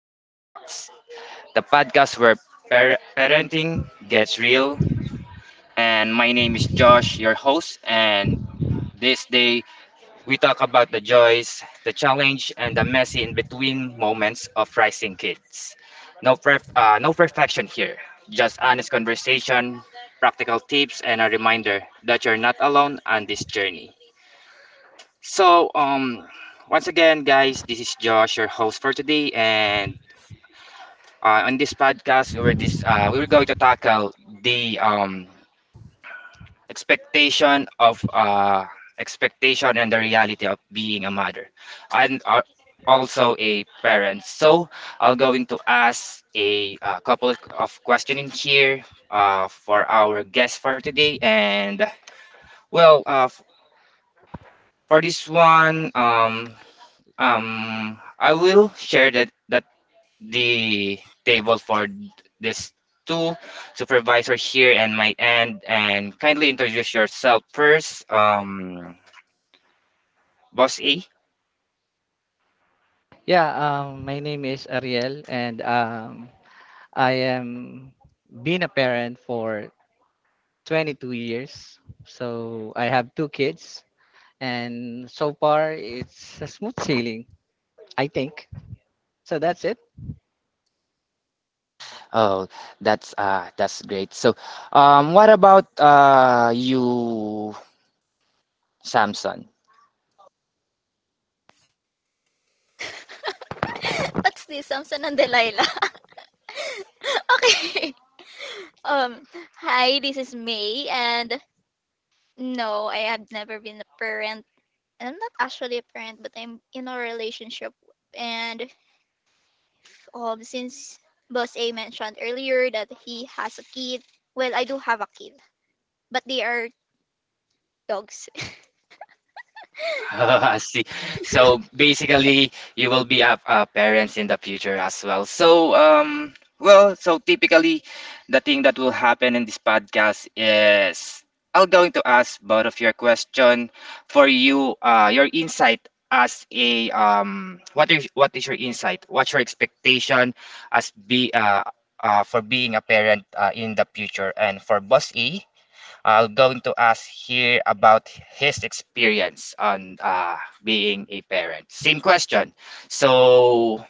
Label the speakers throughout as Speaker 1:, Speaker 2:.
Speaker 1: to Real Talks, the podcast where parenting gets real. And my name is Josh, your host. And this day, we talk about the joys, the challenge, and the messy in between moments of raising kids. No, no perfection here, just honest conversation, practical tips, and a reminder that you're not alone on this journey. So, once again, guys, this is Josh, your host for today, and on this podcast, we were going to tackle the expectation of uh, expectation and the reality of being a mother, and also a parent. So I'll going to ask a, couple of questions here, for our guest for today, and well, for this one, I will share that the table for this two supervisors here and my end, and kindly introduce yourself first, boss A.
Speaker 2: Yeah, my name is Ariel, and I am been a parent for 22 years. So I have two kids, and so far it's a smooth sailing, I think. So that's it.
Speaker 1: Oh, that's great. So, what about, you, Samson?
Speaker 3: What's this? Samson and Delilah. okay. Um, Hi, this is May, and no, I have never been a parent. And I'm not actually a parent, but I'm in a relationship. And since Boss A mentioned earlier that he has a kid, well, I do have a kid, but they are dogs.
Speaker 1: I see. So basically, you will be a, parents in the future as well. So, well, so typically, the thing that will happen in this podcast is I am going to ask both of your question for you, your insight as a, what is your insight? What's your expectation as be for being a parent, in the future? And for Boss A, I'm going to ask here about his experience on, being a parent. Same question. So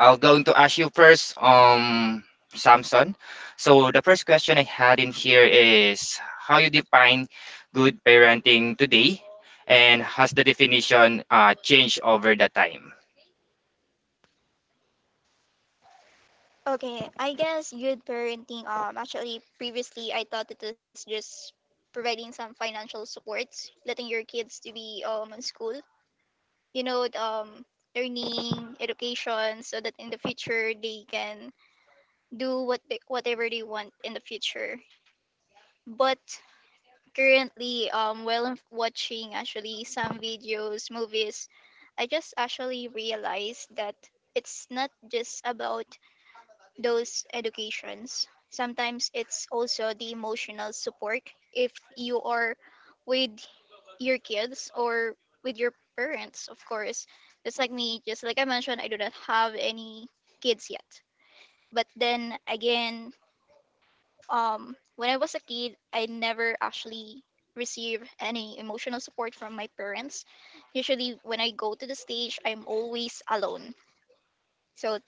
Speaker 1: I'm going to ask you first, Samson. So the first question I had in here is how you define good parenting today, and has the definition changed over the time?
Speaker 3: Okay, I guess good parenting. Actually, previously I thought it was just providing some financial supports, letting your kids to be in school you know, learning, education, so that in the future they can do what whatever they want in the future. But currently, while I'm watching actually some videos, movies, I just actually realized that it's not just about those educations. Sometimes it's also the emotional support if you are with your kids or with your parents, of course. Just like me, just like I mentioned, I do not have any kids yet. But then again, when I was a kid, I never actually received any emotional support from my parents. Usually, when I go to the stage, I'm always alone. So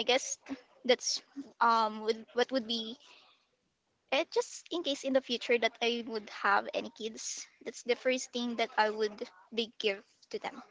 Speaker 3: I guess that's what would be just in case in the future that I would have any kids. That's the first thing that I would be give to them.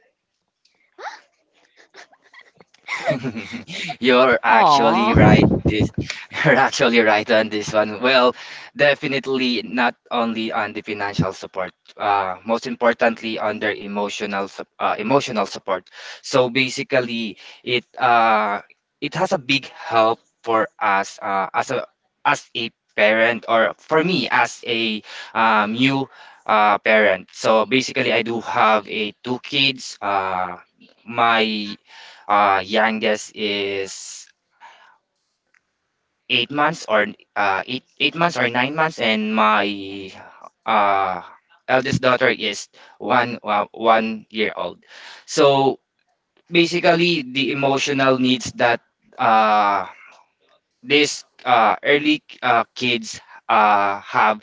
Speaker 1: You're actually
Speaker 2: Aw.
Speaker 1: right. This You're actually right on this one. Well, definitely not only on the financial support, most importantly on their emotional support. So basically, it uh, it has a big help for us, as a parent, or for me as a, new, parent. So basically, I do have a two kids. My youngest is 8 months or eight months or 9 months, and my uh, eldest daughter is 1 year old. So basically, the emotional needs that uh, these early kids have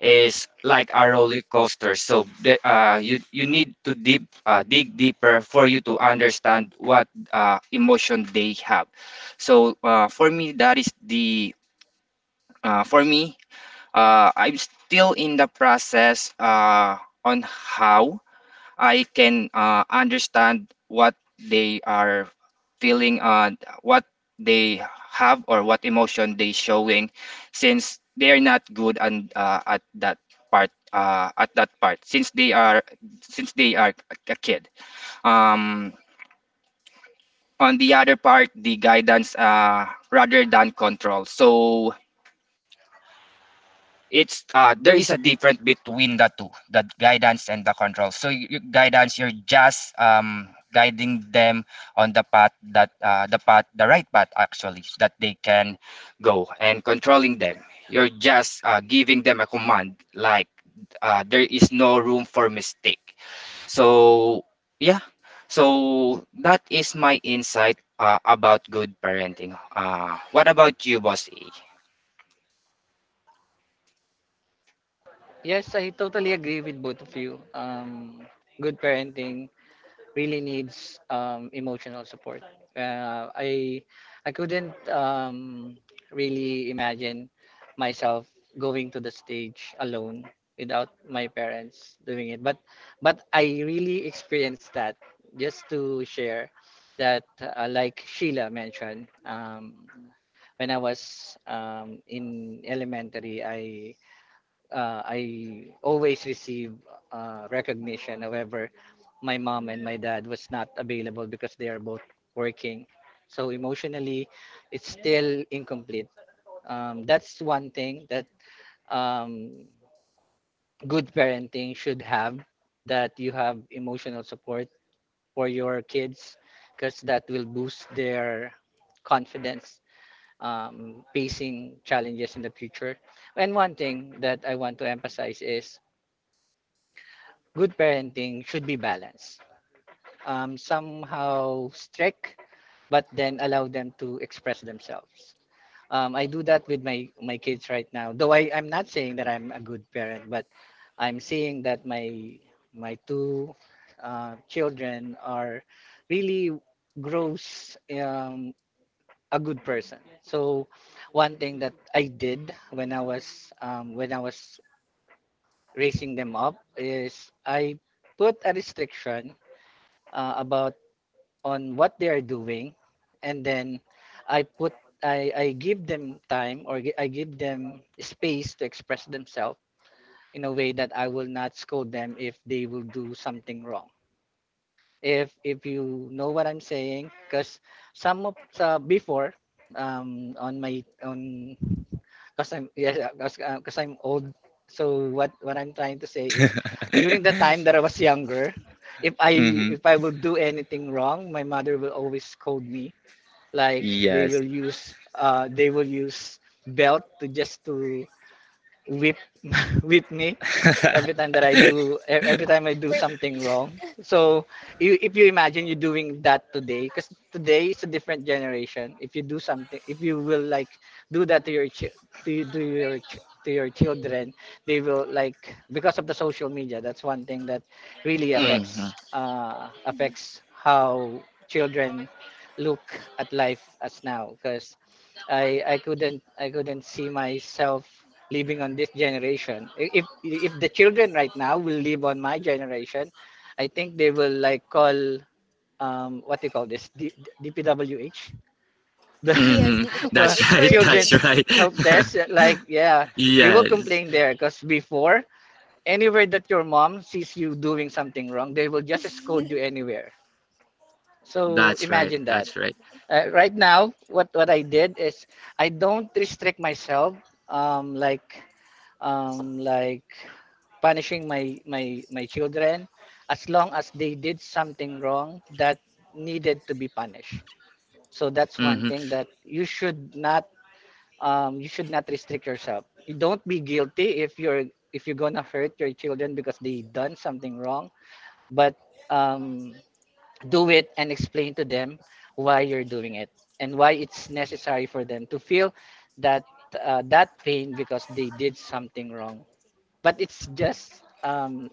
Speaker 1: is like a roller coaster. So you need to deep dig deeper for you to understand what emotion they have. So, for me, that is the for me. I'm still in the process, on how I can understand what they are feeling, what they have, or what emotion they showing, since they are not good and, at that part. Since they are a kid. Um, on the other part, the guidance, rather than control. So it's there is a difference between the two, the guidance and the control. So guidance, you're just guiding them on the path that, the right path actually, that they can go. And controlling them, you're just giving them a command, like there is no room for mistake. So yeah. So that is my insight, about good parenting. Uh, what about you, boss?
Speaker 2: Yes, I totally agree with both of you. Good parenting really needs emotional support. Uh, I I couldn't really imagine myself going to the stage alone without my parents doing it. But I really experienced that. Just to share that, like Sheila mentioned, when I was in elementary, I always receive recognition. However, my mom and my dad was not available because they are both working. So emotionally, it's still incomplete. That's one thing that um, good parenting should have, that you have emotional support for your kids because that will boost their confidence facing challenges in the future. And one thing that I want to emphasize is good parenting should be balanced. Somehow strict, but then allow them to express themselves. I do that with my kids right now. Though I'm not saying that I'm a good parent, but I'm seeing that my two children are really grows a good person. So one thing that I did when I was when I was raising them up is I put a restriction about on what they are doing, and then I put I give them time or I give them space to express themselves in a way that I will not scold them if they will do something wrong, if you know what I'm saying, because some of before on my on because I'm yes because 'cause I'm old, so what I'm trying to say is during the time that I was younger,
Speaker 1: Mm-hmm.
Speaker 2: if I would do anything wrong, my mother will always scold me, like they
Speaker 1: Yes.
Speaker 2: will use belt to just to whip whip me every time that I do every time I do
Speaker 3: For
Speaker 2: something wrong. So you, if you imagine you doing that today, because today is a different generation. If you do something, if you will like do that to your chi- to you- to your ch- to your children, they will like because of the social media. That's one thing that really
Speaker 3: Rebel-
Speaker 1: Hmm.
Speaker 2: affects affects how children look at life as now. Because I couldn't see myself living on this generation. If the children right now will live on my generation, I think they will like call um, what do you call this, DPWH, the
Speaker 3: Yes,
Speaker 1: Hmm.
Speaker 3: DPW
Speaker 2: for
Speaker 1: That's
Speaker 3: is for
Speaker 1: right. That's
Speaker 2: children's
Speaker 1: right.
Speaker 3: kids.
Speaker 2: help desk. Like yeah, they will
Speaker 1: Yes.
Speaker 2: complain there because before, anywhere that your mom sees you doing something wrong, they will just scold you anywhere. So
Speaker 1: That's right.
Speaker 2: imagine that.
Speaker 1: That's right.
Speaker 2: Right now, what I did is I don't restrict myself um, like like punishing my children as long as they did something wrong that needed to be punished. So that's one
Speaker 1: Hmm.
Speaker 2: thing that you should not restrict yourself. You don't be guilty if you're gonna hurt your children because they done something wrong, but um, do it and explain to them why you're doing it and why it's necessary for them to feel that that pain because they did something wrong. But it's just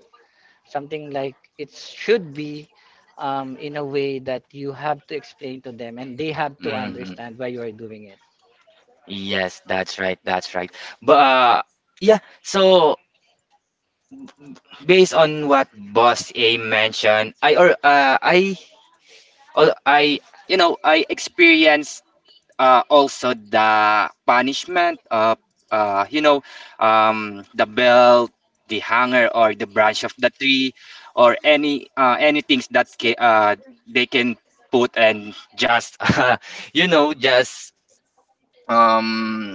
Speaker 2: something like it should be in a way that you have to explain to them and they have to
Speaker 1: Hmm.
Speaker 2: understand why you are doing it.
Speaker 1: Yes, that's right. That's right. But, yeah, so based on what Boss A mentioned, I, I experienced, also the punishment of, uh, you know the belt, the hanger, or the branch of the tree, or any things that they can put and just just, um,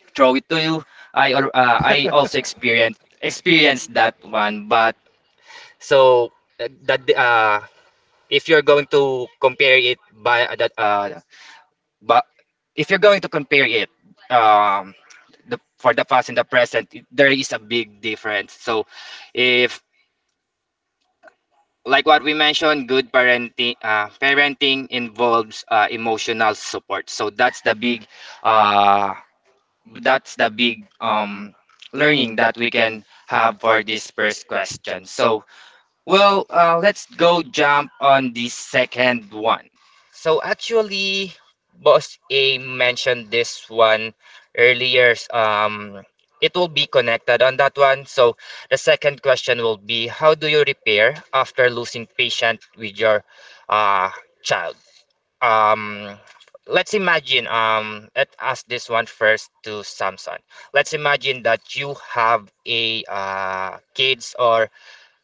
Speaker 1: throw it to you. I also experienced that one, but so, that if you're going to compare it by that but if you're going to compare it, um the for the past and the present, there is a big difference. So if, like what we mentioned, good parenting, parenting involves, emotional support. So that's the big, uh, that's the big um, learning that we can have for this first question. So, well, let's go jump on the second one. So actually, Boss A mentioned this one earlier. It will be connected on that one. So the second question will be, how do you repair after losing patient with your, uh, child? Um, let's imagine. Let's ask this one first to Samson. Let's imagine that you have a, kids, or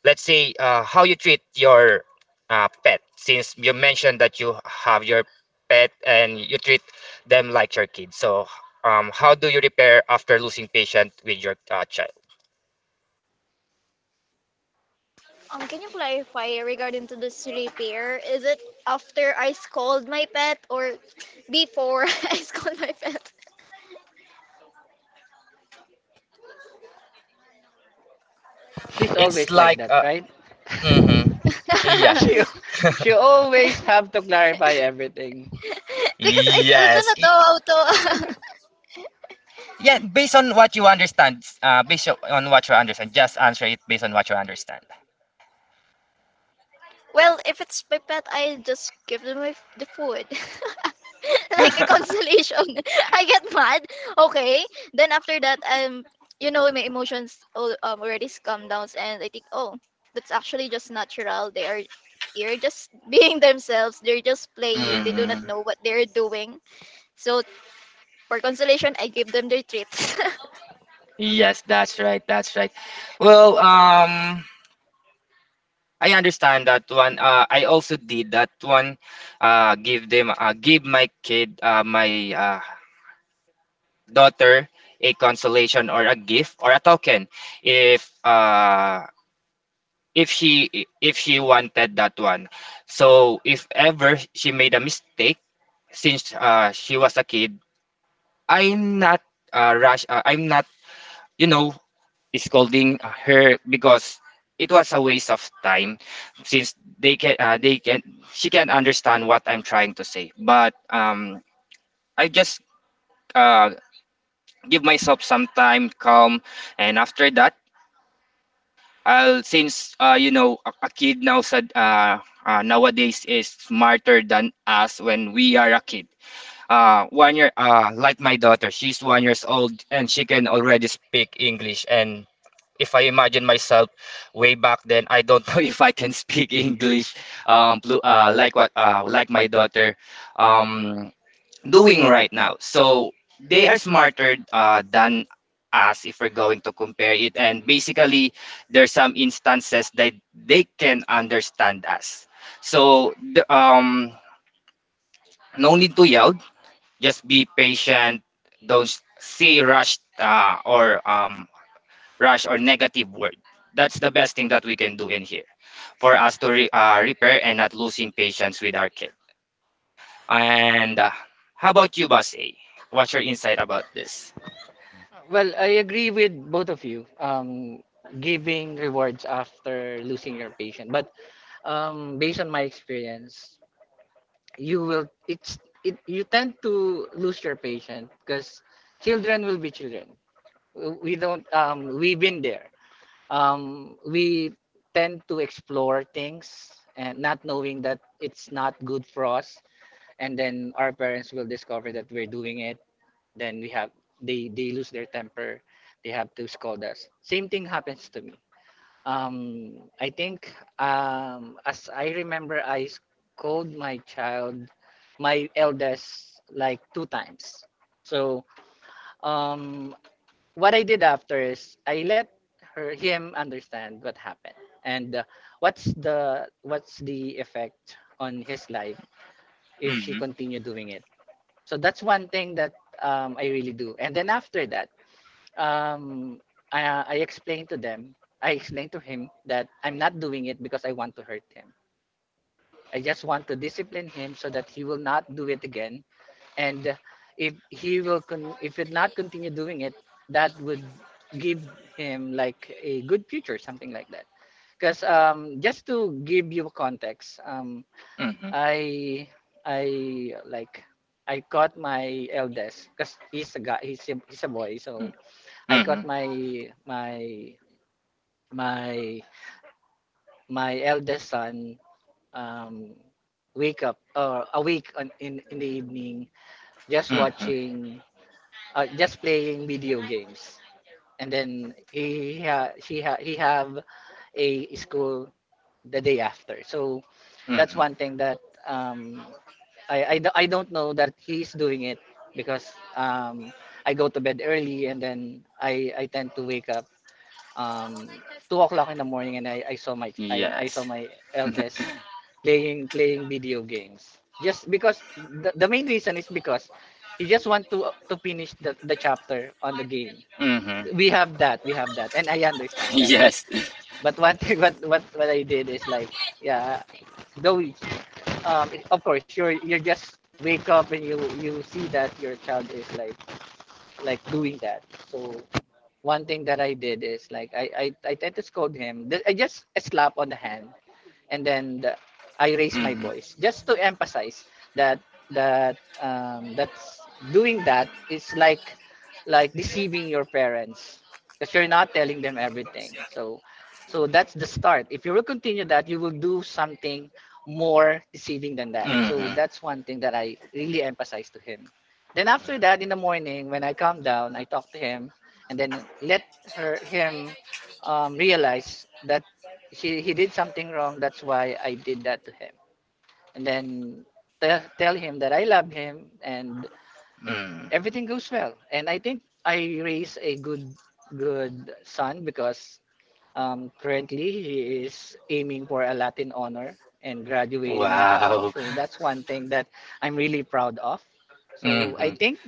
Speaker 1: let's say, how you treat your pet, since you mentioned that you have your pet and you treat them like your kids. So, how do you repair after losing patient with your, child?
Speaker 3: Can you clarify regarding to this repair? Is it after I scold my pet or before I scold my pet?
Speaker 2: She's
Speaker 1: It's
Speaker 2: always like
Speaker 1: like,
Speaker 2: that, right?
Speaker 1: mhm, yeah.
Speaker 2: she she always have to clarify everything.
Speaker 3: because I do
Speaker 1: Yes.
Speaker 3: not know how to.
Speaker 1: Yeah, based on what you understand, on what you understand, just answer it based on what you understand.
Speaker 3: Well, if it's my pet, I just give them the food. Like a consolation. I get mad. Okay. Then after that, you know, my emotions already calm down, and I think, oh, that's actually just natural. They're just being themselves. They're just playing. They do not
Speaker 1: Mhm.
Speaker 3: know what they're doing. So for consolation, I give them their treats.
Speaker 1: Yes, that's right. That's right. Well, I understand that one. I also did that one. Give my daughter, a consolation or a gift or a token, if uh, if she wanted that one. So if ever she made a mistake, since she was a kid, I'm not, rush. I'm not, you know scolding her, because it was a waste of time, since they can she can understand what I'm trying to say. But, I just uh, give myself some time, calm, and after that, I'll since, a, kid now said, nowadays is smarter than us when we are a kid. Like my daughter, she's 1 year old and she can already speak English, and if I imagine myself way back then, I don't know if I can speak English, like what, like my daughter, um, doing right now. So they are smarter, than us if we're going to compare it. And basically, there's some instances that they can understand us. So no need to yell. Just be patient. Don't say rushed, or, rash or negative word. That's the best thing that we can do in here for us to repair and not losing patience with our kid. And, how about you, Basay? What's your insight about this?
Speaker 2: Well, I agree with both of you, giving rewards after losing your patient, but based on my experience, you will, it's it, you tend to lose your patient because children will be children. We don't um, we've been there, um, we tend to explore things and not knowing that it's not good for us, and then our parents will discover that we're doing it, then we have they lose their temper, they have to scold us. Same thing happens to me. I think as I remember, I scold my child, my eldest, like two times. So um what I did after is I let her him understand what happened and what's the effect on his life if she
Speaker 1: Mm-hmm.
Speaker 2: continue doing it. So that's one thing that I really do. And then after that, um, I explained to them, I explained to him that I'm not doing it because I want to hurt him. I just want to discipline him so that he will not do it again, and if he will if it not continue doing it, that would give him like a good future, something like that. Because um, just to give you context, um
Speaker 1: Mm-hmm.
Speaker 2: i i like caught my eldest because he's a guy, he's a boy. So I
Speaker 1: Mm-hmm.
Speaker 2: caught my my eldest son um wake up or awake on, in the evening, just
Speaker 1: Mm-hmm. Mm-hmm.
Speaker 2: watching just playing video games, and then he ha- she ha- he have a school the day after. So that's
Speaker 1: Mm-hmm.
Speaker 2: one thing that um I don't know that he's doing it because um, I go to bed early and then I tend to wake up um, 2 o'clock in the morning, and I saw
Speaker 1: Yes.
Speaker 2: my eldest playing video games. Just because the main reason is because he just want to finish the chapter on the game.
Speaker 1: Mm-hmm.
Speaker 2: And I understand that.
Speaker 1: Yes.
Speaker 2: But one thing, what I did is like yeah, though of course you're just wake up and you see that your child is like doing that. So one thing that I did is like I tend to scold him. I just slap on the hand, and then the, I raise my
Speaker 1: Mm-hmm.
Speaker 2: voice just to emphasize that that that's, doing that is like deceiving your parents because you're not telling them everything. So so that's the start. If you will continue that, you will do something more deceiving than that. So
Speaker 1: Mm-hmm.
Speaker 2: that's one thing that I really emphasize to him. Then after that,
Speaker 1: Mm-hmm.
Speaker 2: in the morning, when I calm down, I talk to him, and then let her him realize that he did something wrong, that's why I did that to him. And then tell him that I love him, and
Speaker 1: Mm-hmm.
Speaker 2: everything goes well. And I think I raise a good good son because currently he is aiming for a latin honor and graduating in
Speaker 1: Wow.
Speaker 2: college. So that's one thing that I'm really proud of. So
Speaker 1: Mm-hmm.
Speaker 2: I think,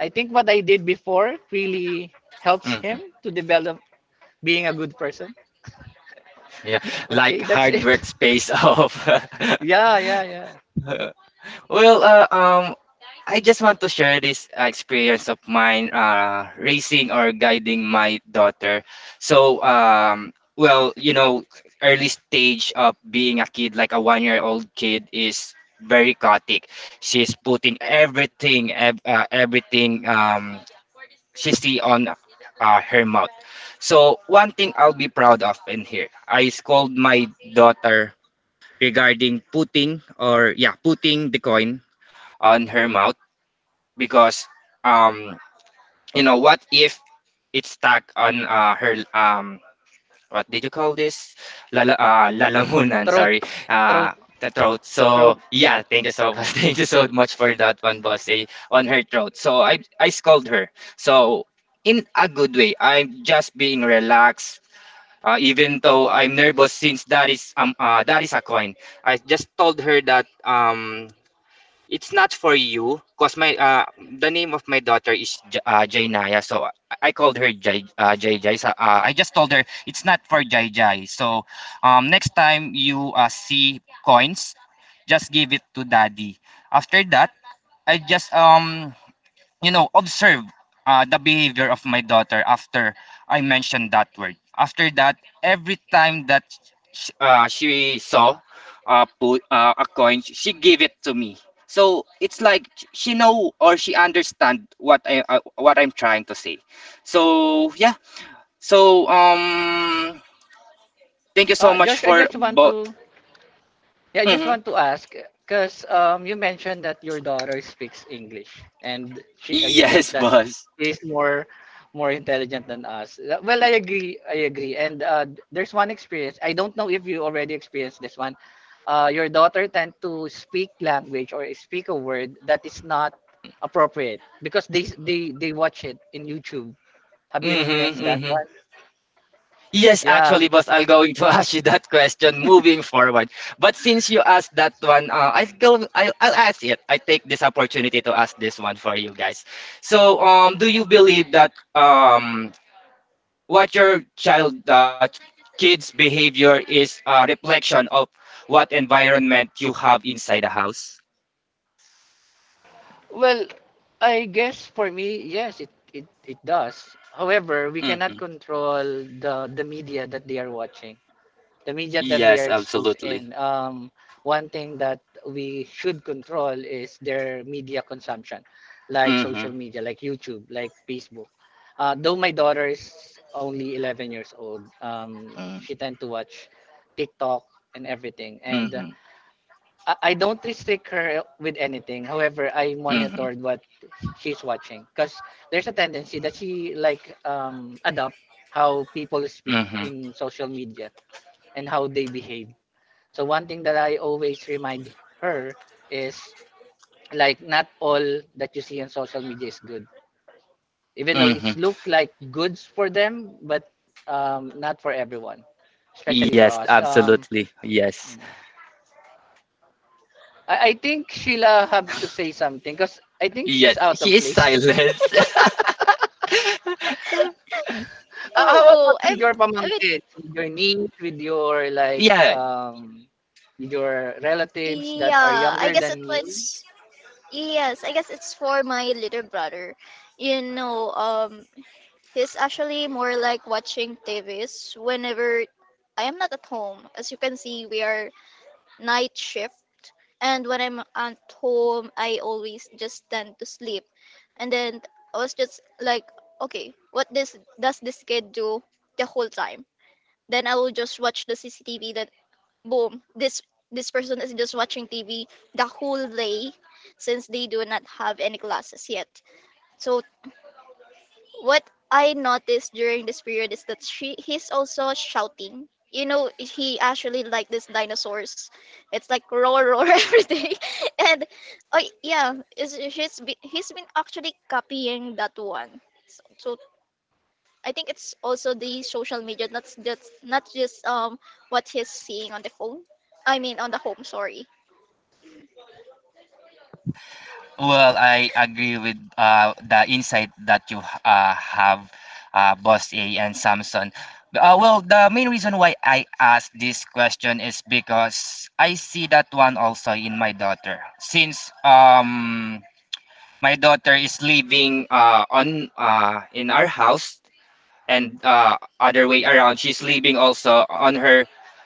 Speaker 2: I think what I did before really helps
Speaker 1: Mhm.
Speaker 2: him to develop being a good person.
Speaker 1: Yeah, like
Speaker 2: Okay, that's
Speaker 1: hard
Speaker 2: it.
Speaker 1: work space off.
Speaker 2: Yeah, yeah, yeah.
Speaker 1: Well, I just want to share this experience of mine, raising or guiding my daughter. So, well, early stage of being a kid, like a one-year-old kid, is very chaotic. She's putting everything, everything. She see on her mouth. So one thing I'll be proud of in here, I scold my daughter regarding putting, or yeah, putting the coin on her mouth, because um you know what if it's stuck on her, what did you call this? Lala, lalamunan,
Speaker 2: Throat.
Speaker 1: sorry.
Speaker 2: Throat.
Speaker 1: Uh, the throat. So
Speaker 2: Throat.
Speaker 1: yeah,
Speaker 2: Yeah.
Speaker 1: thank you so much. Thank you so much for that one, boss. On her throat. So I scold her. So in a good way, I'm just being relaxed. Even though I'm nervous, since that is a coin, I just told her that, it's not for you, cause my, the name of my daughter is Jainaya, so I called her Jai Jai. So, I just told her it's not for Jai Jai. So, next time you see coins, just give it to daddy. After that, I just observe the behavior of my daughter after I mentioned that word. After that, every time that she saw, a coin, she gave it to me. So it's like she know, or she understand what I'm trying to say. So yeah. So, thank you so
Speaker 2: Uh,
Speaker 1: much
Speaker 2: Josh, I
Speaker 1: for
Speaker 2: just want
Speaker 1: both.
Speaker 2: to, yeah, I just
Speaker 1: Hmm.
Speaker 2: want to ask, because um, you mentioned that your daughter speaks English and she you think
Speaker 1: Yes,
Speaker 2: that
Speaker 1: boss.
Speaker 2: she's more intelligent than us. Well, I agree, I agree. And uh, there's one experience, I don't know if you already experienced this one, uh, your daughter tend to speak language or speak a word that is not appropriate because they they watch it in YouTube. Have you
Speaker 1: Mm-hmm,
Speaker 2: experienced that
Speaker 1: mm-hmm.
Speaker 2: one?
Speaker 1: Yes,
Speaker 2: Yeah.
Speaker 1: actually, boss, I'm going to ask you that question moving forward. But since you asked that one, I'll go. I'll ask it. I take this opportunity to ask this one for you guys. So, do you believe that, what your kids' behavior is a reflection of what environment you have inside the house?
Speaker 2: Well, I guess for me, yes, it does. However, we cannot
Speaker 1: Mm-hmm.
Speaker 2: control the media that they are watching, the media that they are
Speaker 1: Yes,
Speaker 2: exposed
Speaker 1: absolutely.
Speaker 2: in. One thing that we should control is their media consumption, like
Speaker 1: Mm-hmm.
Speaker 2: social media, like YouTube, like Facebook. Though my daughter is only 11 years old,
Speaker 1: Mm-hmm.
Speaker 2: she tend to watch TikTok and everything. And
Speaker 1: Mm-hmm.
Speaker 2: I don't restrict her with anything. However, I
Speaker 1: Mm-hmm.
Speaker 2: monitored what she's watching because there's a tendency that she like adopt how people speak
Speaker 1: Mm-hmm.
Speaker 2: in social media and how they behave. So one thing that I always remind her is, like, not all that you see on social media is good, even though
Speaker 1: Mm-hmm.
Speaker 2: it's look like goods for them, but not for everyone, especially for
Speaker 1: Yes,
Speaker 2: us.
Speaker 1: absolutely. Yes.
Speaker 2: Mm. I think Sheila have to say something because I think
Speaker 1: Yes,
Speaker 2: she's out of
Speaker 1: he is
Speaker 2: place.
Speaker 1: silent.
Speaker 2: Ah, how
Speaker 3: no,
Speaker 2: about with your
Speaker 3: I mean,
Speaker 2: pamangkins, with your niece, with your like
Speaker 1: Yeah,
Speaker 2: um, with your relatives that are
Speaker 3: yeah, I
Speaker 2: younger
Speaker 3: guess it
Speaker 2: than you?
Speaker 3: was. Yes, I guess it's for my little brother. You know, um, It's actually more like watching TVs whenever I am not at home. As you can see, we are night shift. And when I'm at home, I always just tend to sleep. And then I was just like, okay, what this does this kid do the whole time? Then I will just watch the CCTV that boom, this person is just watching TV the whole day since they do not have any classes yet. So what I noticed during this period is that she he's also shouting. You know, he actually like this dinosaurs. It's like roar roar every day, and oh yeah, he's been actually copying that one. So I think it's also the social media, not just what he's seeing on the phone. I mean on the home. Sorry.
Speaker 1: well, I agree with the insight that you have, Boss A and Samson. Well, the main reason why I asked this question is because I see that one also in my daughter. Since my daughter is living on in our house, and other way around she's living also on her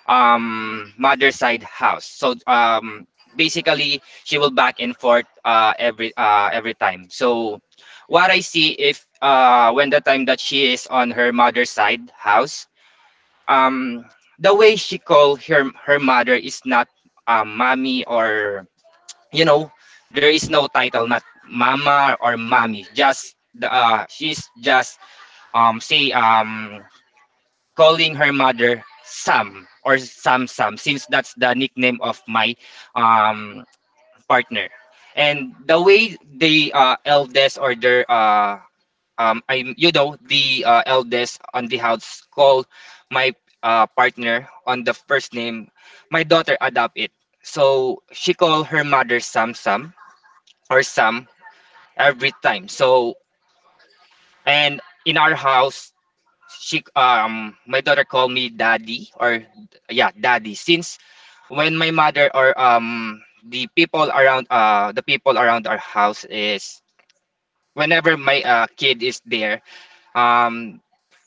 Speaker 1: mother's side house, so basically she will back and forth every time. So what I see if when the time that she is on her mother's side house, um, the way she call her mother is not mommy or you know there is no title, not mama or mommy, just she's just say calling her mother Sam or Sam Sam, since that's the nickname of my um, partner. And the way the eldest or their I you know the eldest on the house called my partner on the first name, my daughter adopt it. So she called her mother Sam Sam or Sam every time. So and in our house she, my daughter called me daddy or yeah, daddy, since when my mother or, the people around, the people around our house is whenever my kid is there, um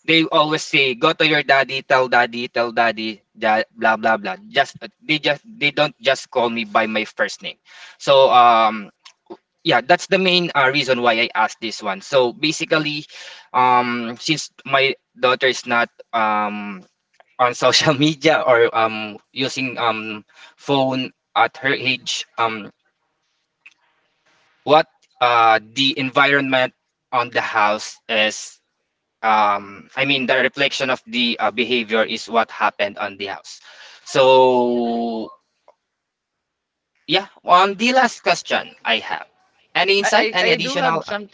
Speaker 1: they always say, "Go to your daddy, tell daddy, tell daddy, blah blah blah," just they don't just call me by my first name. So, yeah, that's the main reason why I asked this one. So basically, since my daughter is not on social media or using phone at her age, what the environment on the house is, I mean, the reflection of the behavior is what happened on the house. So yeah, on the last question I have, any
Speaker 2: I
Speaker 1: insight,
Speaker 2: I,
Speaker 1: any
Speaker 2: I do have
Speaker 1: additional?
Speaker 2: some,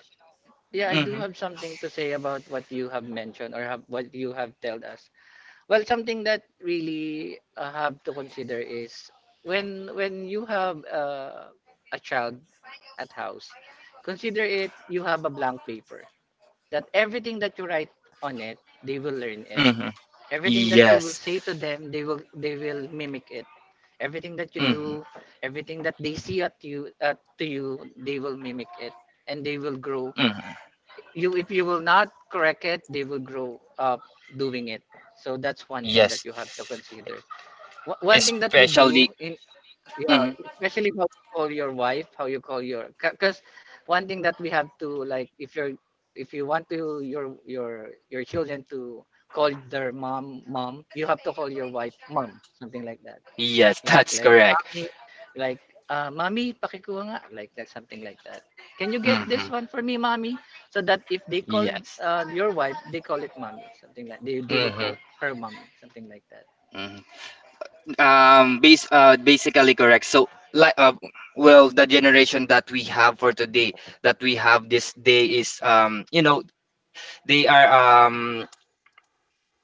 Speaker 2: yeah, I do
Speaker 1: Mm-hmm,
Speaker 2: have something to say about what you have mentioned or have, what you have told us. Well, something that really have to consider is when you have a child at house, consider it you have a blank paper that everything that you write on it, they will learn it.
Speaker 1: mm-hmm.
Speaker 2: Everything that you will
Speaker 1: Yes.
Speaker 2: say to them, they will mimic it. Everything that you
Speaker 1: Mhm,
Speaker 2: do, everything that they see at you at to you, they will mimic it and they will grow.
Speaker 1: mhm.
Speaker 2: You If you will not correct it, they will grow up doing it. So that's one thing that
Speaker 1: Yes.
Speaker 2: you have to consider. One thing that we
Speaker 1: Especially.
Speaker 2: do in yeah,
Speaker 1: Mhm.
Speaker 2: especially how you call your wife, how you call your, because one thing that we have to like, if you want to your your children to call their mom mom, you have to call your wife mom, something like that.
Speaker 1: Yes,
Speaker 2: Like
Speaker 1: that's
Speaker 2: yeah,
Speaker 1: correct.
Speaker 2: like mommy, pakikuha nga, like that, something like that. Can you get
Speaker 1: Mhm.
Speaker 2: this one for me, mommy? So that if they call
Speaker 1: Yes.
Speaker 2: your wife, they call it mommy, something like they will
Speaker 1: Mhm.
Speaker 2: call her mommy, something like that.
Speaker 1: Mhm. Basically correct. So, like, uh, well, the generation that we have for today, that we have this day is, they are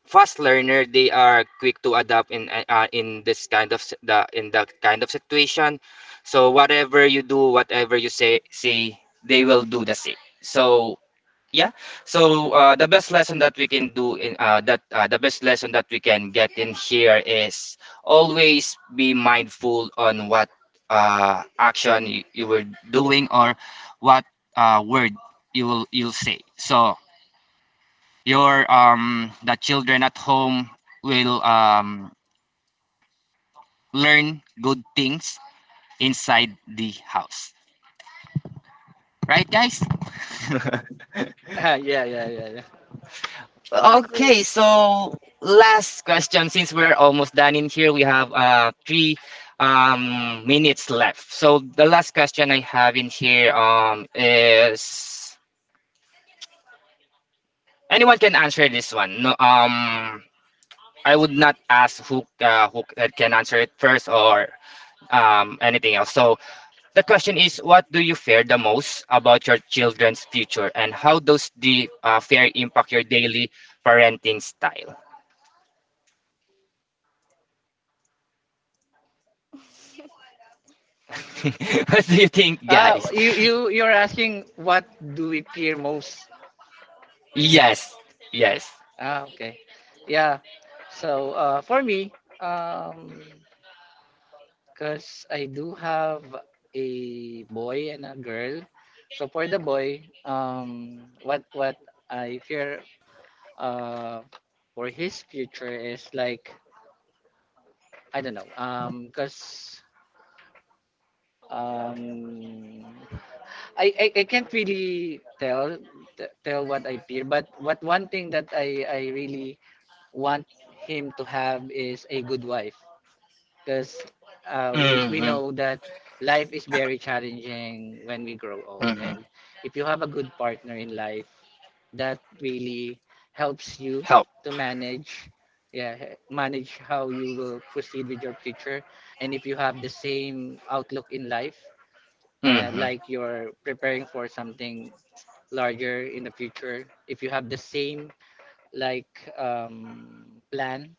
Speaker 1: fast learner. They are quick to adapt in this kind of s- the in that kind of situation. So, whatever you do, whatever you say, they will do the same. So yeah, so the best lesson that we can do in that the best lesson that we can get in here is, always be mindful on what action you were doing, or what word you will you'll say, so your the children at home will learn good things inside the house, right guys?
Speaker 2: Yeah, yeah, yeah, yeah.
Speaker 1: Okay,
Speaker 3: Agree.
Speaker 1: so last question. Since we're almost done in here, we have three minutes left. So the last question I have in here, is anyone can answer this one. No, I would not ask who can answer it first or anything else. So the question is, what do you fear the most about your children's future, and how does the fear impact your daily parenting style? What do you think,
Speaker 2: Ah,
Speaker 1: guys?
Speaker 2: you're asking what do we fear most?
Speaker 1: Yes, yes.
Speaker 2: Ah, okay. Yeah. So, for me, um, because I do have a boy and a girl. So for the boy, what I fear uh for his future is like I don't know. Because um, I can't really tell tell what I fear, but what one thing that I really want him to have is a good wife because we
Speaker 1: Mm-hmm,
Speaker 2: know that life is very challenging when we grow old,
Speaker 1: mm-hmm.
Speaker 2: and if you have a good partner in life, that really helps you
Speaker 1: Help.
Speaker 2: to manage, yeah, manage how you will proceed with your future. And if you have the same outlook in life, and
Speaker 1: Mm-hmm,
Speaker 2: like you're preparing for something larger in the future, if you have the same like plan,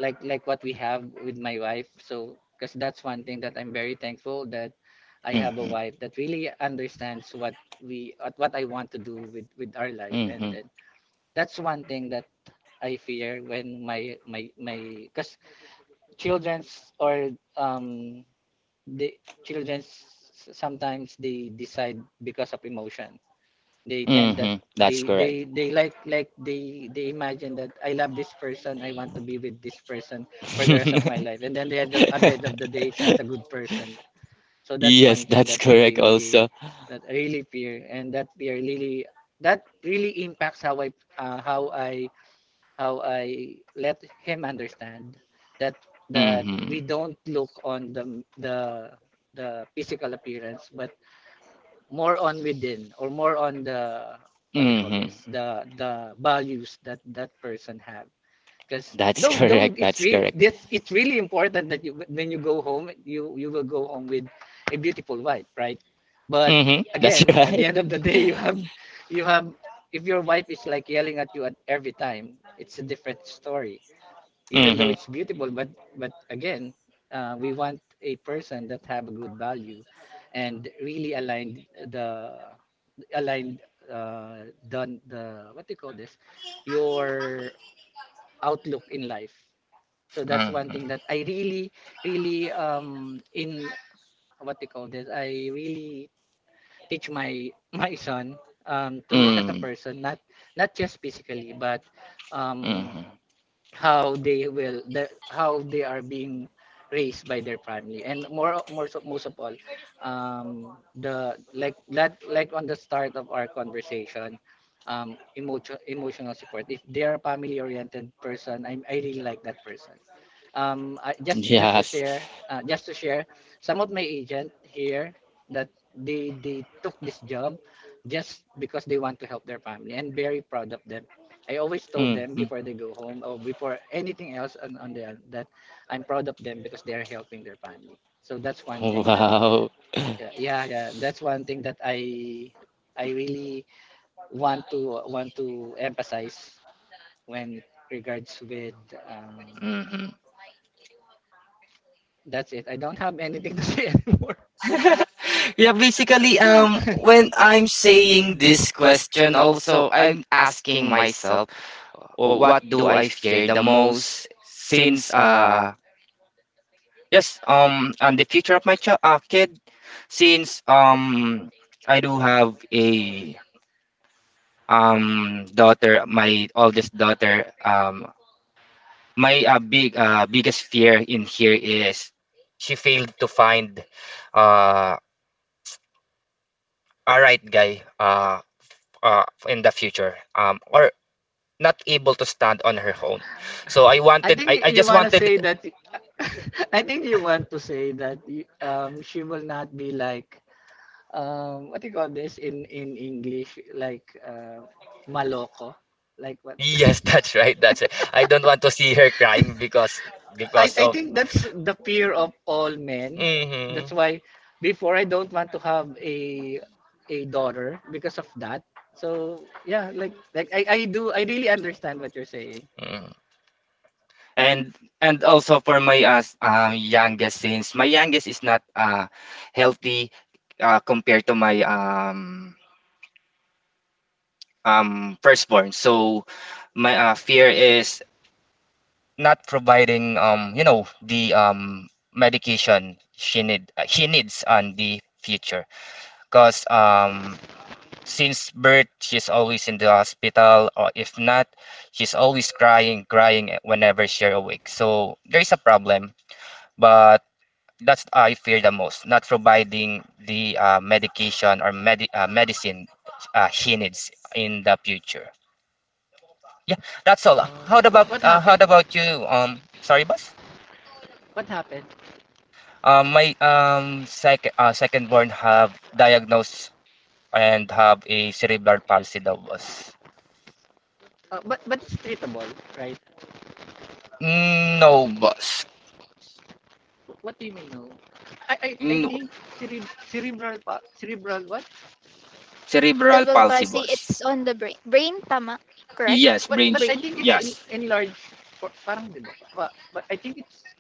Speaker 2: like what we have with my wife. So because that's one thing that I'm very thankful that I have a
Speaker 1: mm-hmm,
Speaker 2: wife that really understands what we what I want to do with our life. And
Speaker 1: mm-hmm,
Speaker 2: then that's one thing that I fear when my because children's or um the children's, sometimes they decide because of emotion. They tend that
Speaker 1: mm-hmm. That's
Speaker 2: they
Speaker 1: correct.
Speaker 2: they they like they imagine that I love this person, I want to be with this person for the rest of my life, and then they end up, at the end of the day, it's not a good person. So that's
Speaker 1: Yes,
Speaker 2: one thing
Speaker 1: that's correct also.
Speaker 2: that I really fear. And that fear really, that really impacts how I, uh, how I how I let him understand that
Speaker 1: Mm-hmm,
Speaker 2: we don't look on the the physical appearance, but more on within, or more on the what they call
Speaker 1: mm-hmm.
Speaker 2: this, the values that that person have. Because
Speaker 1: That's
Speaker 2: though
Speaker 1: correct,
Speaker 2: it's
Speaker 1: that's
Speaker 2: re
Speaker 1: correct.
Speaker 2: this it's really important that you when you go home, you will go home with a beautiful wife, right? But
Speaker 1: Mm-hmm, that's
Speaker 2: again, at the
Speaker 1: right.
Speaker 2: end of the day, you have, if your wife is like yelling at you at every time, it's a different story, even though
Speaker 1: Mm-hmm,
Speaker 2: it's beautiful. But again, we want a person that have a good value and really aligned, the aligned done the what do you call this, your outlook in life. So that's one
Speaker 1: mm-hmm,
Speaker 2: thing that I really really in what do you call this, I really teach my my son to look at a
Speaker 1: mm-hmm,
Speaker 2: person not not just physically, but um
Speaker 1: hmm.
Speaker 2: how they will the, how they are being raised by their family. And more so, most of all, um the like that, like on the start of our conversation, emotional support. If they are a family oriented person, I really like that person. Just to
Speaker 1: Yes.
Speaker 2: share, some of my agent here that they took this job just because they want to help their family, and very proud of them. I always told them
Speaker 1: Mm-hmm.
Speaker 2: before they go home or before anything else on their that I'm proud of them because they are helping their family. So that's one thing that
Speaker 1: Wow.
Speaker 2: yeah that's one thing that I really want to emphasize when regards with um,
Speaker 1: Mhm.
Speaker 2: that's it. I don't have anything to say anymore.
Speaker 1: Yeah, basically, when I'm saying this question, also I'm asking myself, What do I fear the most?" Since yes, and the future of my child, kid, since I do have a daughter, my oldest daughter. My biggest fear in here is she failed to find uh, a right guy, in the future, or not able to stand on her own. So
Speaker 2: I think
Speaker 1: I
Speaker 2: you
Speaker 1: just
Speaker 2: want to say
Speaker 1: wanted
Speaker 2: that. I think you want to say that she will not be like what do you call this in English? Like maloko. Like what?
Speaker 1: yes, that's right, that's right, I don't want to see her crying because
Speaker 2: I
Speaker 1: because of
Speaker 2: think that's the fear of all men.
Speaker 1: hmm.
Speaker 2: That's why before I don't want to have a daughter because of that. So yeah, like I really understand what you're saying.
Speaker 1: Mm. And also for my youngest, since my youngest is not healthy compared to my firstborn. So my fear is not providing, you know, the medication she need he needs on the future, because since birth she's always in the hospital, or if not, she's always crying whenever she's awake, so there is a problem. But that's I fear the most, not providing the medicine he needs in the future. Yeah, that's all.
Speaker 2: Um, what
Speaker 1: How
Speaker 2: happened?
Speaker 1: about you? Sorry, boss.
Speaker 2: What happened?
Speaker 1: My second born have diagnosed and have a cerebral palsy, daw, boss.
Speaker 2: But it's treatable, right?
Speaker 1: Mm, no, boss.
Speaker 2: What do you mean? No. I I
Speaker 1: No.
Speaker 2: think cerebral what?
Speaker 1: Cerebral
Speaker 3: Cerebral
Speaker 1: palsy,
Speaker 3: palsy.
Speaker 1: boss.
Speaker 3: It's on the brain. Brain, tama, correct?
Speaker 1: Yes, brain.
Speaker 2: But I
Speaker 3: Brain.
Speaker 2: think it's in,
Speaker 1: Yes.
Speaker 2: enlarged for, parang 'di ba? But I think it's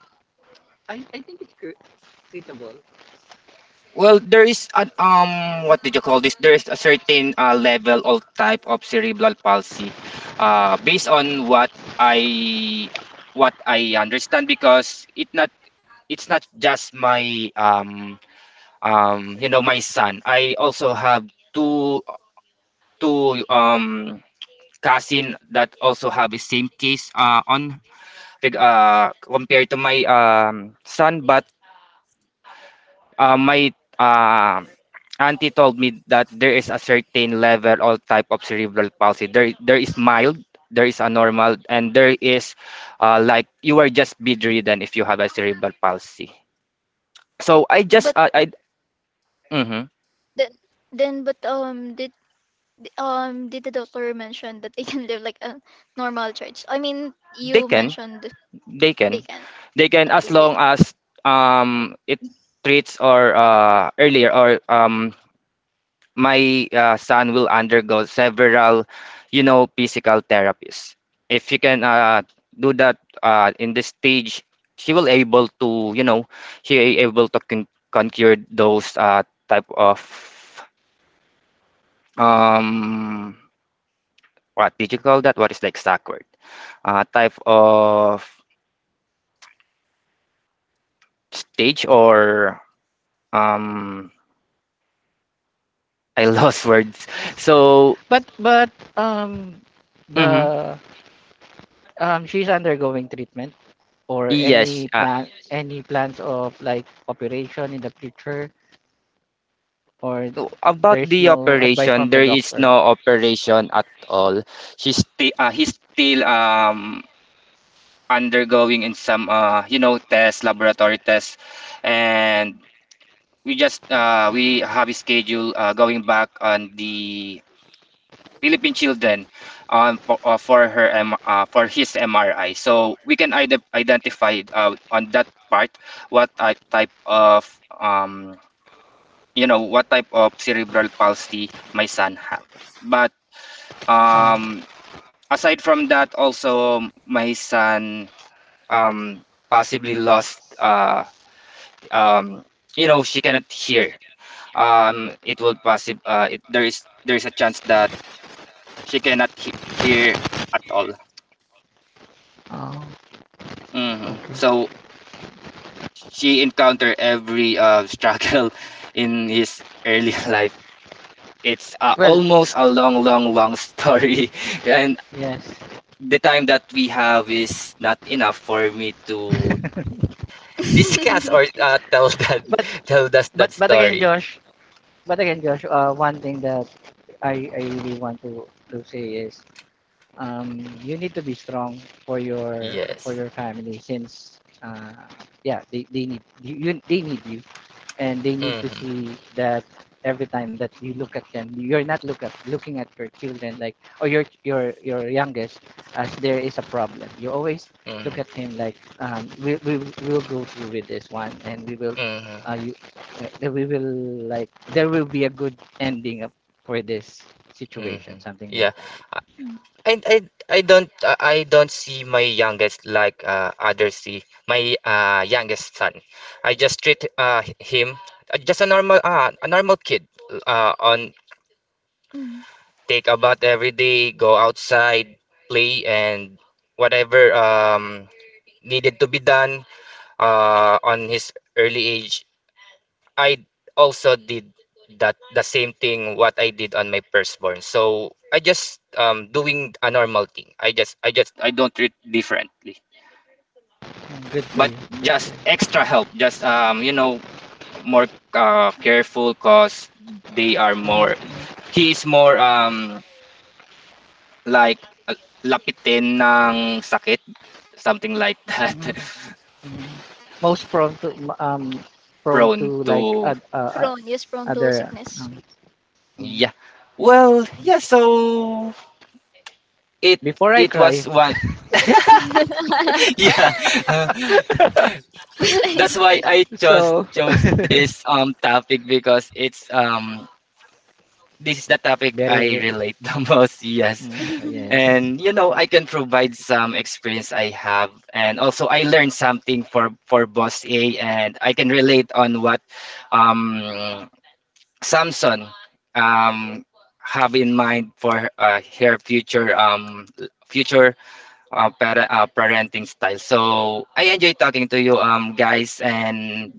Speaker 2: I think it's treatable.
Speaker 1: Well, there is an what did you call this? There is a certain level or type of cerebral palsy, based on what I, what I understand, because it's not just my you know, my son, I also have two two cousin that also have the same case compared to my son. But my uh auntie told me that there is a certain level or type of cerebral palsy, there is mild, there is a normal, and there is like you are just bedridden if you have a cerebral palsy. So i just
Speaker 3: But
Speaker 1: uh, i mhm.
Speaker 3: then, but did the doctor mention that they can live like a normal church? I mean,
Speaker 1: They
Speaker 3: you
Speaker 1: can,
Speaker 3: mentioned
Speaker 1: they
Speaker 3: they
Speaker 1: can
Speaker 3: can.
Speaker 1: they can,
Speaker 3: At
Speaker 1: as
Speaker 3: least they
Speaker 1: long
Speaker 3: can.
Speaker 1: as it treats, or earlier, or my son will undergo several, you know, physical therapies. If you can do that in this stage, she will able to, you know, she able to conquer those type of um what did you call that, what is the exact word, type of stage or um I lost words. So,
Speaker 2: But
Speaker 1: mhm,
Speaker 2: the she's undergoing treatment, or
Speaker 1: yes,
Speaker 2: any plan, any plans of like operation in the future, or
Speaker 1: about
Speaker 2: there's
Speaker 1: the
Speaker 2: no advice from
Speaker 1: operation,
Speaker 2: the
Speaker 1: there is no
Speaker 2: doctor.
Speaker 1: operation at all. She's still, he's still undergoing in some, you know, tests, laboratory tests, and we just, we have a schedule going back on the Philippine children, for his MRI. So we can identify on that part what type of um, you know, what type of cerebral palsy my son have. But
Speaker 2: Oh,
Speaker 1: um, aside from that, also my son um, possibly lost. Um, you know, she cannot hear. It will possible. There is, a chance that she cannot hear at all.
Speaker 2: oh,
Speaker 1: Mhm.
Speaker 2: okay.
Speaker 1: So she encountered every struggle in his early life. It's
Speaker 2: Well,
Speaker 1: almost a long, long, long story, and
Speaker 2: yes.
Speaker 1: the time that we have is not enough for me to discuss or tell that
Speaker 2: But
Speaker 1: tell us
Speaker 2: But
Speaker 1: that
Speaker 2: but again,
Speaker 1: story.
Speaker 2: Josh. But again, Josh. One thing that I really want to say is you need to be strong for
Speaker 1: Yes.
Speaker 2: your family, since yeah, they need you, they need you, and they need to
Speaker 1: Mm-hmm.
Speaker 2: see that every time that you look at them, you're not looking at your children like, or your your youngest, as there is a problem. You always look
Speaker 1: Mm-hmm.
Speaker 2: at him like, we will go through with this one, and we will
Speaker 1: Mm-hmm.
Speaker 2: uh, you, we will like there will be a good ending up for this situation,
Speaker 1: Mm-hmm.
Speaker 2: something
Speaker 1: Yeah.
Speaker 2: like that.
Speaker 3: Mm.
Speaker 1: I I I don't see my youngest like, others see my youngest son. I just treat him, just a normal kid, on
Speaker 3: Mm.
Speaker 1: take a bath every day, go outside, play, and whatever needed to be done on his early age, I also did that, the same thing what I did on my firstborn. So I just, doing a normal thing. I don't treat differently,
Speaker 2: Mm, good for
Speaker 1: but
Speaker 2: you. Good for
Speaker 1: just
Speaker 2: you.
Speaker 1: extra help. Just, you know, more careful because they are more.
Speaker 2: Mm-hmm.
Speaker 1: He is more like uh, lapitin ng sakit, something like that.
Speaker 2: Mm-hmm. Mm-hmm. Most prone to prone
Speaker 1: Prone
Speaker 2: to like
Speaker 1: to
Speaker 2: ad, uh, uh,
Speaker 3: Prone, yes, prone to
Speaker 2: other.
Speaker 3: sickness.
Speaker 2: um,
Speaker 1: yeah,
Speaker 2: Mm.
Speaker 1: well yeah, so it
Speaker 2: Before I
Speaker 1: it was
Speaker 2: cry.
Speaker 1: one.
Speaker 3: Like,
Speaker 1: Yeah, that's why I
Speaker 2: So
Speaker 1: chose this topic, because it's this is the topic I
Speaker 2: very
Speaker 1: relate the most. Yes,
Speaker 2: mm, yes.
Speaker 1: and you know, I can provide some experience I have, and also I learned something for Boss A, and I can relate on what um Samson um have in mind for her future, future parenting style. So I enjoy talking to you, guys, and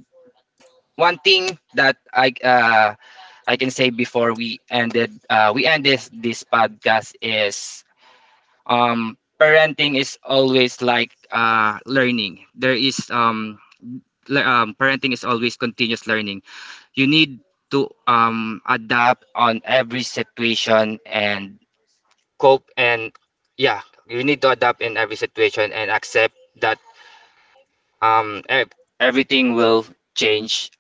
Speaker 1: one thing that I can say before we end this this podcast is, parenting is always like, learning. There is le- parenting is always continuous learning. You need to, adapt on every situation and cope, and yeah, you need to adapt in every situation and accept that um ev- everything will change.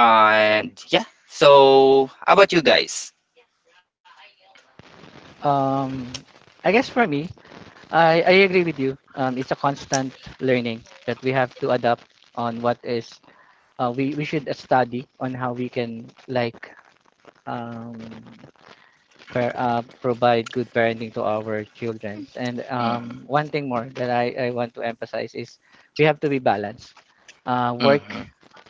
Speaker 1: And yeah, so how about you guys?
Speaker 2: Um I guess for me, I agree with you. It's a constant learning that we have to adapt on what is we should study on how we can like um, provide good parenting to our children. And
Speaker 1: Mm-hmm,
Speaker 2: one thing more that I want to emphasize is we have to be balanced. Uh, work
Speaker 1: mm-hmm.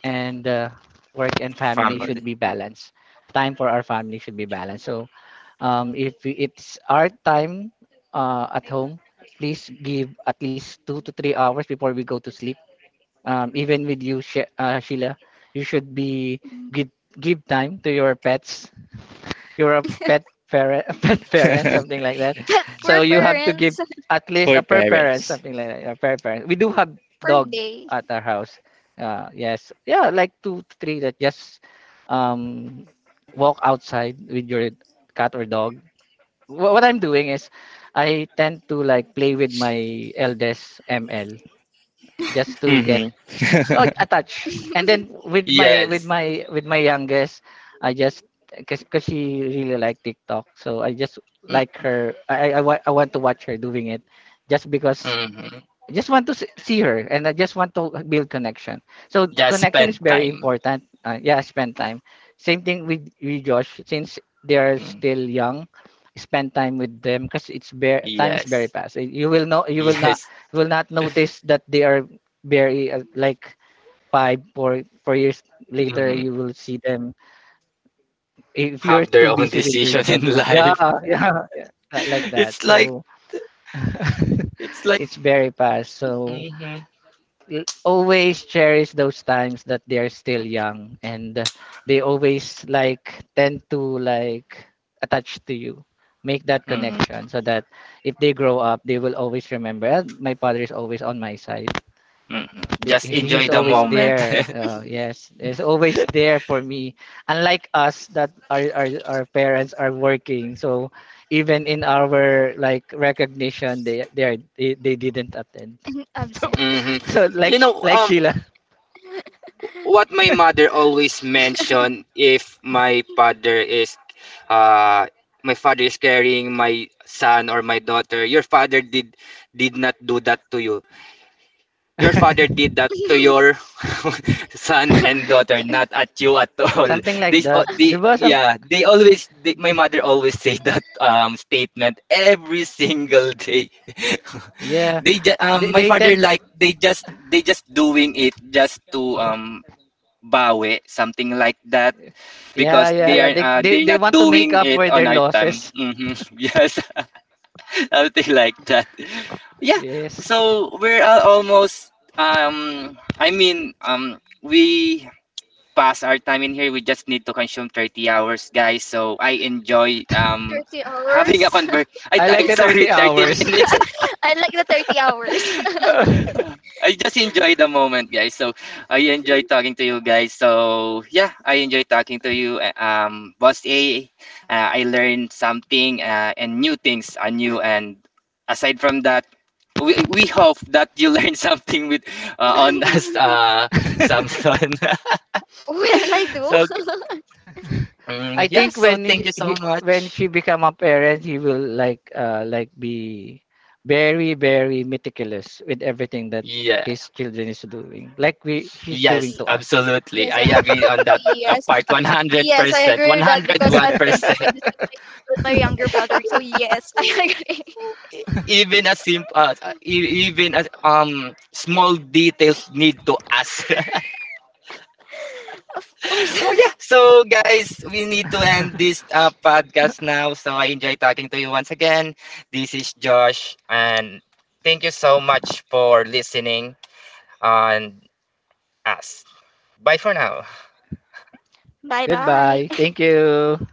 Speaker 2: and uh, work and family
Speaker 1: Family.
Speaker 2: should be balanced. Time for our family should be balanced. So if we- it's our time at home, please give at least 2 to 3 hours before we go to sleep. Even with you, Sheila, you should be give give time to your pets, you're a pet parent, a pet parent, something like that.
Speaker 3: but we're
Speaker 2: So you have to give
Speaker 3: parents
Speaker 2: at least
Speaker 1: For
Speaker 2: a per parent,
Speaker 1: parents.
Speaker 2: something like that, a per parent. We do have
Speaker 3: per
Speaker 2: dog
Speaker 3: day
Speaker 2: at our house. Yes, yeah, like two, three that just um, walk outside with your cat or dog. What I'm doing is I tend to like play with my eldest ML just to get, oh,
Speaker 1: Mm-hmm.
Speaker 2: attached. And then with my with
Speaker 1: Yes.
Speaker 2: my with my youngest, I just because cause she really like TikTok, so I just like her. I want to watch her doing it, just because
Speaker 1: Mm-hmm.
Speaker 2: I just want to see her, and I just want to build connection. So
Speaker 1: Just
Speaker 2: connection is
Speaker 1: spend
Speaker 2: very
Speaker 1: time.
Speaker 2: important. Yeah, spend time. Same thing with Josh, since they are
Speaker 1: Mm.
Speaker 2: still young. Spend time with them because it's bare time is very
Speaker 1: Yes.
Speaker 2: fast. You will know you will not,
Speaker 1: Yes.
Speaker 2: you will not notice that they are very like 5 or 4 years later
Speaker 1: Mm-hmm.
Speaker 2: you will see them if you're
Speaker 1: Have their
Speaker 2: too
Speaker 1: own
Speaker 2: busy with your
Speaker 1: decision in
Speaker 2: job. Yeah,
Speaker 1: life.
Speaker 2: yeah, yeah, like that.
Speaker 1: It's like,
Speaker 2: So
Speaker 1: it's like
Speaker 2: it's very fast. So
Speaker 1: mm-hmm,
Speaker 2: l- always cherish those times that they are still young. And they always like tend to like attach to you, make that
Speaker 1: mm-hmm,
Speaker 2: connection, so that if they grow up they will always remember, "Ah, my father is always on my side.
Speaker 1: mm-hmm. Just enjoy
Speaker 2: He's
Speaker 1: the
Speaker 2: always
Speaker 1: moment.
Speaker 2: there. Yes, he's always there for me." Unlike us, that our, our parents are working, so even in our like recognition, they didn't attend. So
Speaker 3: absent.
Speaker 1: Mm-hmm.
Speaker 2: so like
Speaker 1: You know,
Speaker 2: Like Sheila,
Speaker 1: what my mother always mentioned, if my father is uh my father is carrying my son or my daughter, your father did not do that to you, your father did that to your son
Speaker 3: 30
Speaker 1: and daughter, not at you at all.
Speaker 2: something like
Speaker 1: This
Speaker 2: that.
Speaker 1: the
Speaker 2: There was some
Speaker 1: yeah, they always they, my mother always say that statement every single day.
Speaker 2: yeah.
Speaker 1: They my
Speaker 2: They
Speaker 1: father
Speaker 2: tend
Speaker 1: like, they just doing it just to bawi, something like that,
Speaker 2: yeah
Speaker 1: because
Speaker 2: yeah
Speaker 1: they
Speaker 2: yeah.
Speaker 1: are, they're
Speaker 2: They
Speaker 1: not
Speaker 2: want to make
Speaker 1: doing
Speaker 2: up
Speaker 1: it
Speaker 2: for their
Speaker 1: on our time.
Speaker 2: losses.
Speaker 1: Hmm. Yes, something like that. Yeah,
Speaker 2: Yes,
Speaker 1: so we're almost. We pass our time in here. We just need to consume 30 hours, guys. So I enjoy having a
Speaker 3: hours.
Speaker 1: convert.
Speaker 2: I like
Speaker 1: I
Speaker 2: the
Speaker 1: Sorry,
Speaker 2: thirty
Speaker 1: 30
Speaker 2: hours.
Speaker 1: minutes.
Speaker 3: I like the 30 hours.
Speaker 1: Ah, I just enjoy the moment, guys. So I enjoy talking to you guys. So yeah, I enjoy talking to you, Boss A. I learned something, and new things are new. And aside from that, we hope that you learn something with on us, Samson.
Speaker 3: Will I do?
Speaker 1: So
Speaker 2: I
Speaker 1: mm, yeah,
Speaker 2: think
Speaker 1: so
Speaker 2: when
Speaker 1: thank you so
Speaker 2: he when
Speaker 1: much.
Speaker 2: she become a parent, he will like be very very meticulous with everything that
Speaker 1: Yeah,
Speaker 2: his children is doing, like we she's doing
Speaker 1: yes,
Speaker 3: Y-
Speaker 2: to us.
Speaker 1: absolutely.
Speaker 3: Yes,
Speaker 1: I agree on that.
Speaker 3: yes,
Speaker 1: Part
Speaker 3: yes, I
Speaker 1: 100%,
Speaker 3: agree with that because I've been
Speaker 1: 101%.
Speaker 3: doing this with with my younger brother. So yes, I agree.
Speaker 1: Even as simple, even as small details need to us.
Speaker 3: Of
Speaker 1: Oh yeah,
Speaker 3: course.
Speaker 1: so guys, we need to end this podcast now. So I enjoy talking to you once again. This is Josh, and thank you so much for listening on us. Bye for now.
Speaker 3: Bye-bye.
Speaker 2: Goodbye. Thank you.